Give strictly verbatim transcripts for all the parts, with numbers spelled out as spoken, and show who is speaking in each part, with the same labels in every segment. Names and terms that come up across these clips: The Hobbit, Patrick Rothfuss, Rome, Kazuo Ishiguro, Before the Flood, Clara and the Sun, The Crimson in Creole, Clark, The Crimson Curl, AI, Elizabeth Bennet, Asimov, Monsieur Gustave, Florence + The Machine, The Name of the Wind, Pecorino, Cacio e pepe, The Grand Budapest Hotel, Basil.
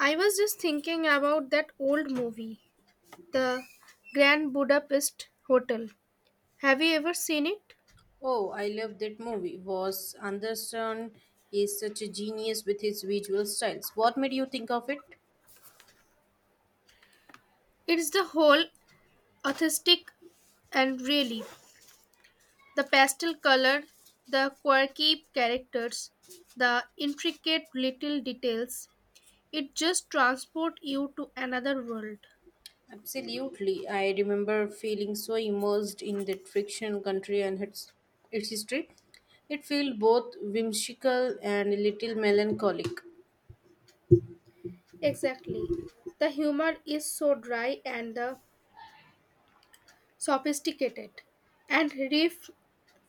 Speaker 1: I was just thinking about that old movie, The Grand Budapest Hotel. Have you ever seen it?
Speaker 2: Oh, I love that movie. Was Anderson is such a genius with his visual styles. What made you think of it?
Speaker 1: It's the whole authentic and really the pastel color, the quirky characters, the intricate little details. It just transports you to another world.
Speaker 2: Absolutely. I remember feeling so immersed in that fictional country and its its history. It felt both whimsical and a little melancholic.
Speaker 1: Exactly. The humor is so dry and the sophisticated. And riff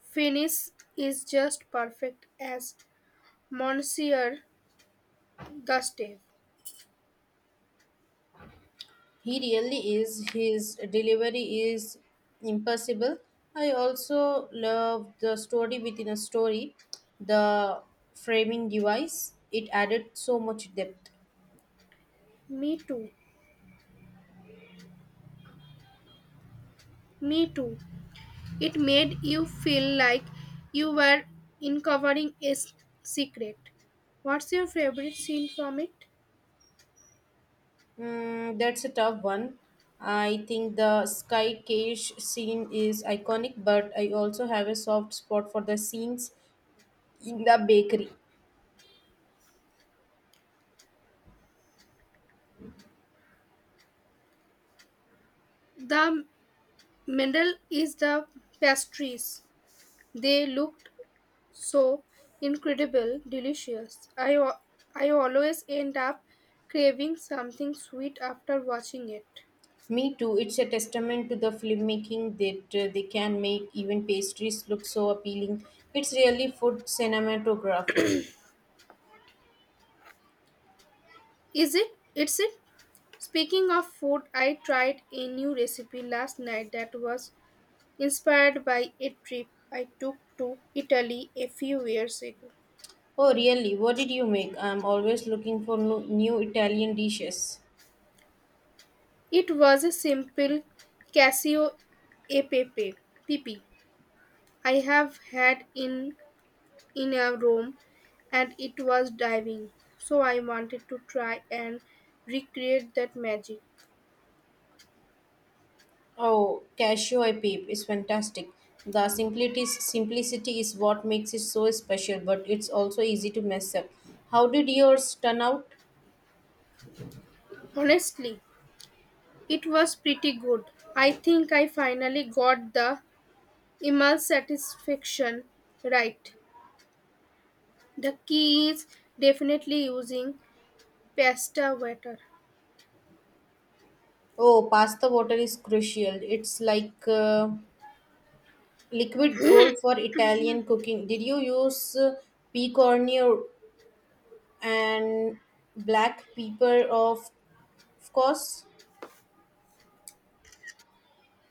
Speaker 1: finish is just perfect as Monsieur Gustave.
Speaker 2: He really is. His delivery is impossible. I also love the story within a story, the framing device. It added so much depth.
Speaker 1: Me too. Me too. It made you feel like you were uncovering a s- secret. What's your favorite scene from it?
Speaker 2: Mm, that's a tough one. I think the sky cage scene is iconic, but I also have a soft spot for the scenes in the bakery.
Speaker 1: The medal is the pastries. They looked so incredible, delicious. I, al- I always end up craving something sweet after watching it.
Speaker 2: Me too. It's a testament to the filmmaking that uh, they can make even pastries look so appealing. It's really food cinematography.
Speaker 1: Is it? It's it? Speaking of food, I tried a new recipe last night that was inspired by a trip I took to Italy a few years ago.
Speaker 2: Oh, really? What did you make? I'm always looking for no- new Italian dishes.
Speaker 1: It was a simple Casio e pepe P P I have had in in a Rome and it was diving. So I wanted to try and recreate that magic.
Speaker 2: Oh, Casio I Peep is fantastic. The simplicity, simplicity is what makes it so special, but it's also easy to mess up. How did yours turn out?
Speaker 1: Honestly, it was pretty good. I think I finally got the immense satisfaction. Right. The key is definitely using pasta water.
Speaker 2: Oh, pasta water is crucial. It's like uh, liquid gold for Italian cooking. Did you use uh, pecorino and black pepper? Of, of course,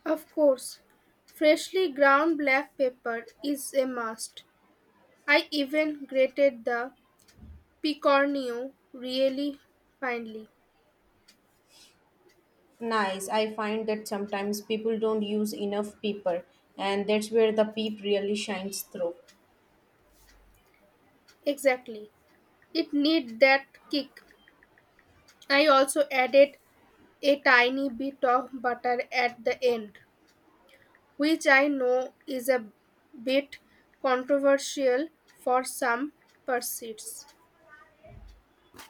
Speaker 1: Of course, freshly ground black pepper is a must. I even grated the picornio really finely.
Speaker 2: nice. I find that sometimes people don't use enough pepper, and that's where the peep really shines through.
Speaker 1: Exactly. It needs that kick. I also added a tiny bit of butter at the end, which I know is a bit controversial for some pursuits.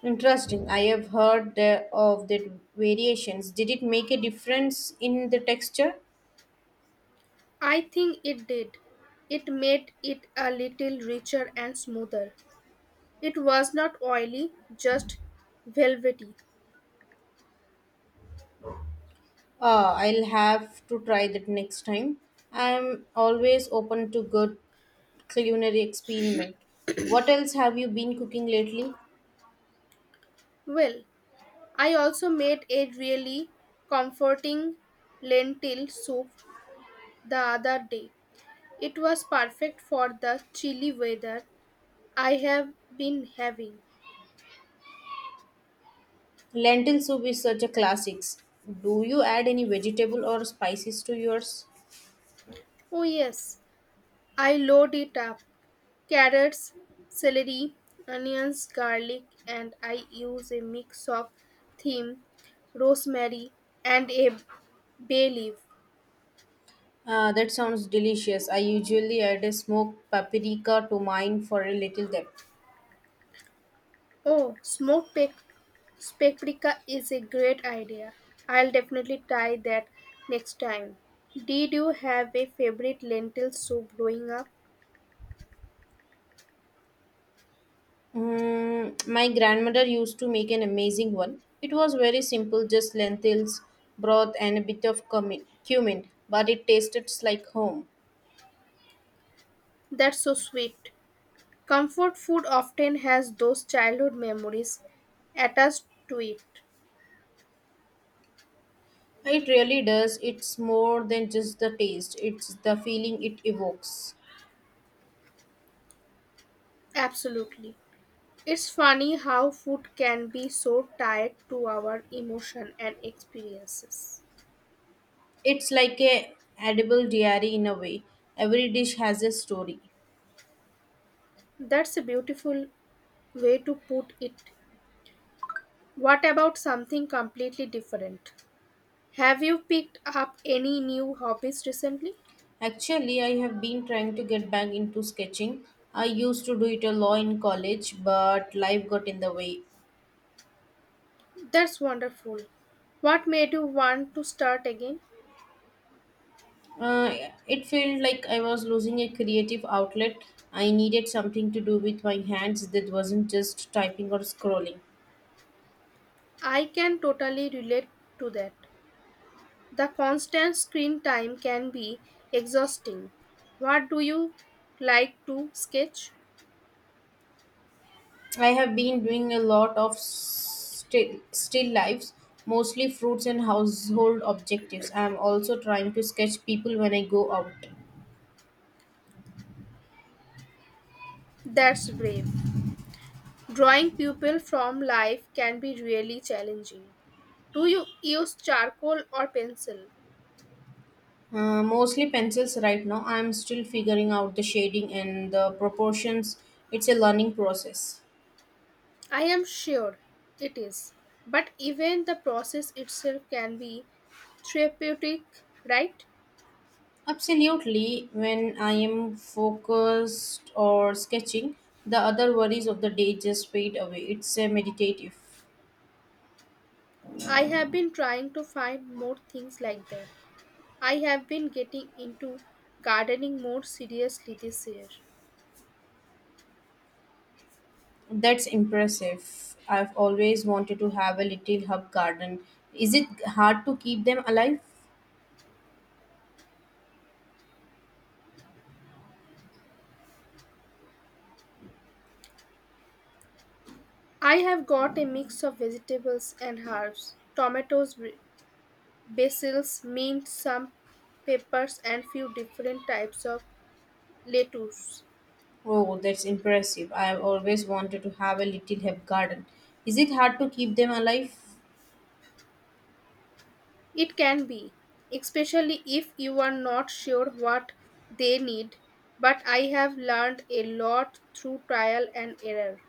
Speaker 2: Interesting. I have heard the, of the variations. Did it make a difference in the texture?
Speaker 1: I think it did. It made it a little richer and smoother. It was not oily, just velvety.
Speaker 2: Uh, I'll have to try that next time. I'm always open to good culinary experiment. What else have you been cooking lately?
Speaker 1: Well, I also made a really comforting lentil soup the other day. It was perfect for the chilly weather I have been having.
Speaker 2: Lentil soup is such a classics. Do you add any vegetable or spices to yours?
Speaker 1: Oh, yes, I load it up carrots, celery, onions, garlic, and I use a mix of thyme, rosemary, and a bay leaf.
Speaker 2: Uh, that sounds delicious. I usually add a smoked paprika to mine for a little depth.
Speaker 1: Oh, smoked pap- paprika is a great idea. I'll definitely try that next time. Did you have a favorite lentil soup growing up?
Speaker 2: Mm, my grandmother used to make an amazing one. It was very simple, just lentils, broth, and a bit of cumi- cumin, but it tasted like home.
Speaker 1: That's so sweet. Comfort food often has those childhood memories attached to it.
Speaker 2: It really does. It's more than just the taste, it's the feeling it evokes.
Speaker 1: Absolutely. It's funny how food can be so tied to our emotion and experiences.
Speaker 2: It's like a edible diary in a way. Every dish has a story.
Speaker 1: That's a beautiful way to put it. What about something completely different? Have you picked up any new hobbies recently?
Speaker 2: Actually, I have been trying to get back into sketching. I used to do it a lot in college, but life got in the way.
Speaker 1: That's wonderful. What made you want to start again?
Speaker 2: Uh, it felt like I was losing a creative outlet. I needed something to do with my hands that wasn't just typing or scrolling.
Speaker 1: I can totally relate to that. The constant screen time can be exhausting. What do you like to sketch?
Speaker 2: I have been doing a lot of still, still lives, mostly fruits and household objectives. I am also trying to sketch people when I go out.
Speaker 1: That's brave. Drawing people from life can be really challenging. Do you use charcoal or pencil?
Speaker 2: Uh, mostly pencils right now. I am still figuring out the shading and the proportions. It's a learning process.
Speaker 1: I am sure it is. But even the process itself can be therapeutic, right?
Speaker 2: Absolutely. When I am focused or sketching, the other worries of the day just fade away. It's a meditative.
Speaker 1: I have been trying to find more things like that. I have been getting into gardening more seriously this year.
Speaker 2: That's impressive. I've always wanted to have a little herb garden. Is it hard to keep them alive?
Speaker 1: I have got a mix of vegetables and herbs, tomatoes, Basils, mint, some peppers and few different types of lettuce.
Speaker 2: Oh, that's impressive. I've always wanted to have a little herb garden. Is it hard to keep them alive?
Speaker 1: It can be, especially if you are not sure what they need, but I have learned a lot through trial and error.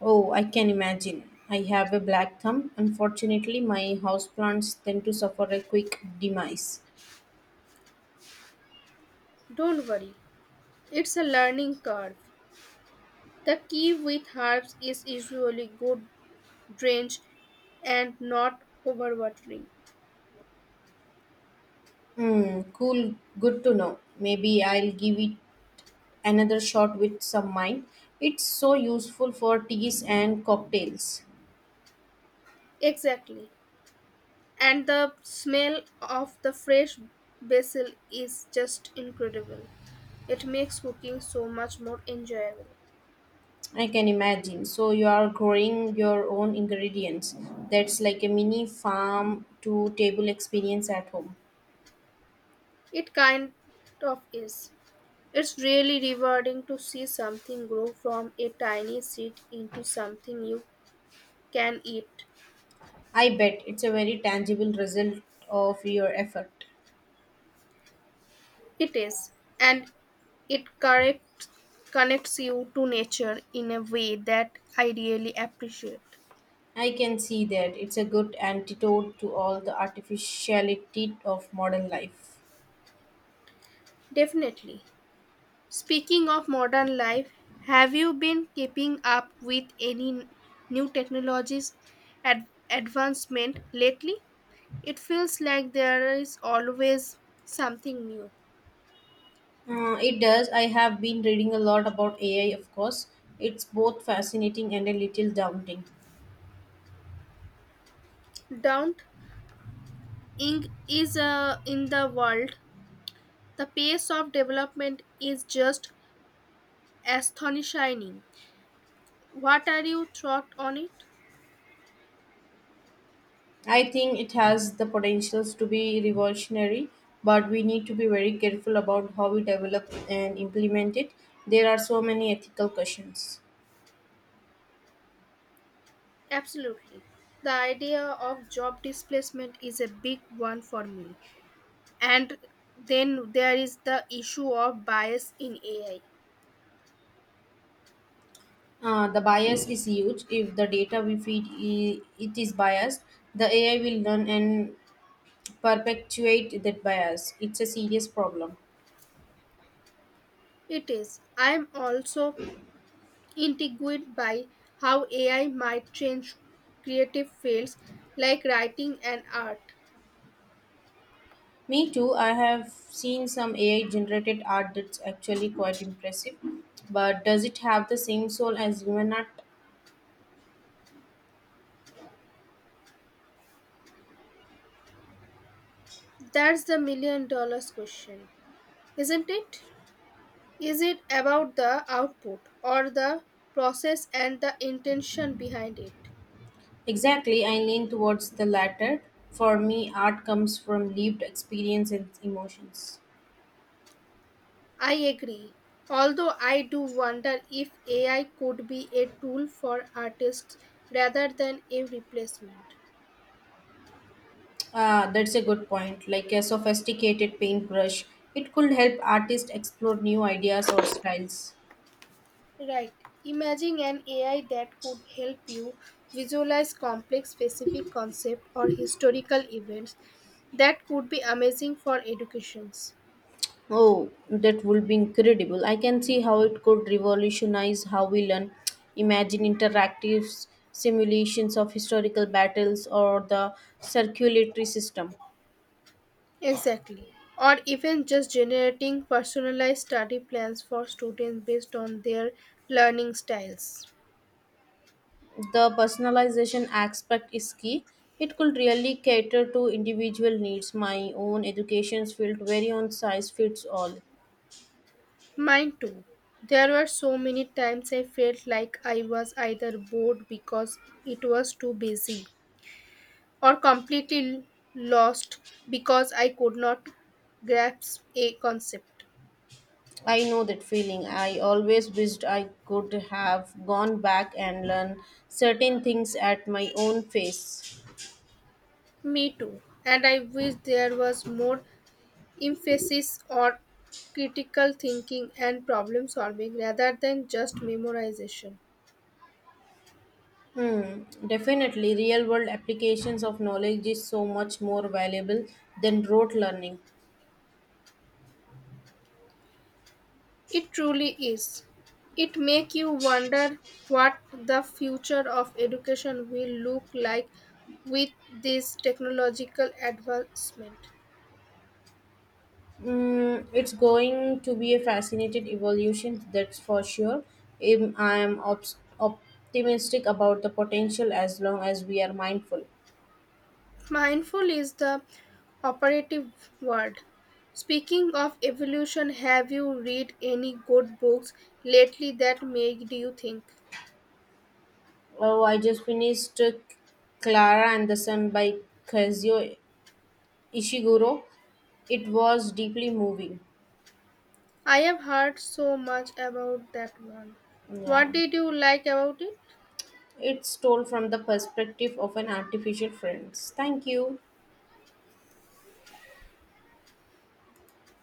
Speaker 2: Oh, I can imagine. I have a black thumb. Unfortunately, my houseplants tend to suffer a quick demise.
Speaker 1: Don't worry, it's a learning curve. The key with herbs is usually good drench and not overwatering.
Speaker 2: Hmm, cool, good to know. Maybe I'll give it another shot with some wine. It's so useful for teas and cocktails.
Speaker 1: Exactly, and the smell of the fresh basil is just incredible. It makes cooking so much more enjoyable.
Speaker 2: I can imagine. So you are growing your own ingredients. That's like a mini farm to table experience at home.
Speaker 1: It kind of is. It's really rewarding to see something grow from a tiny seed into something you can eat.
Speaker 2: I bet it's a very tangible result of your effort.
Speaker 1: It is, and it correct, connects you to nature in a way that I really appreciate.
Speaker 2: I can see that it's a good antidote to all the artificiality of modern life.
Speaker 1: Definitely. Speaking of modern life, have you been keeping up with any n- new technologies ad- advancement lately? It feels like there is always something new.
Speaker 2: Uh, it does. I have been reading a lot about A I, of course. It's both fascinating and a little daunting.
Speaker 1: Don't ing is uh, in the world. The pace of development is just astonishing. What are your thoughts on it?
Speaker 2: I think it has the potentials to be revolutionary, but we need to be very careful about how we develop and implement it. There are so many ethical questions.
Speaker 1: Absolutely. The idea of job displacement is a big one for me, and then there is the issue of bias in AI.
Speaker 2: Uh, the bias is huge. If the data we feed i- it is biased, the A I will learn and perpetuate that bias. It's a serious problem.
Speaker 1: It is. I'm also intrigued by how AI might change creative fields like writing and art.
Speaker 2: Me too. I have seen some A I generated art that's actually quite impressive. But does it have the same soul as human art?
Speaker 1: That's the million dollars question, isn't it? Is it about the output or the process and the intention behind it?
Speaker 2: Exactly. I lean towards the latter. For me, art comes from lived experience and emotions.
Speaker 1: I agree. Although I do wonder if A I could be a tool for artists rather than a replacement.
Speaker 2: Ah, that's a good point. Like a sophisticated paintbrush, it could help artists explore new ideas or styles.
Speaker 1: Right. Imagine an A I that could help you visualize complex specific concept or historical events that could be amazing for educations.
Speaker 2: Oh, that would be incredible. I can see how it could revolutionize how we learn. Imagine interactive s- simulations of historical battles or the circulatory system.
Speaker 1: Exactly. Or even just generating personalized study plans for students based on their learning styles.
Speaker 2: The personalization aspect is key. It could really cater to individual needs. My own education felt very on size fits all.
Speaker 1: Mine too. There were so many times I felt like I was either bored because it was too busy or completely lost because I could not grasp a concept.
Speaker 2: I know that feeling. I always wished I could have gone back and learned certain things at my own pace.
Speaker 1: Me too. And I wish there was more emphasis on critical thinking and problem solving rather than just memorization.
Speaker 2: Hmm, definitely, real world applications of knowledge is so much more valuable than rote learning.
Speaker 1: It truly is. It make you wonder what the future of education will look like with this technological advancement.
Speaker 2: Hmm, it's going to be a fascinating evolution, that's for sure. Im- I am ops optimistic about the potential as long as we are mindful.
Speaker 1: Mindful is the operative word. Speaking of evolution, have you read any good books lately that made you think?
Speaker 2: Oh, I just finished uh, Clara and the Sun by Kazuo Ishiguro. It was deeply moving.
Speaker 1: I have heard so much about that one. What
Speaker 2: Yeah,
Speaker 1: did you like about it?
Speaker 2: it's told from the perspective of an artificial friends. Thank you.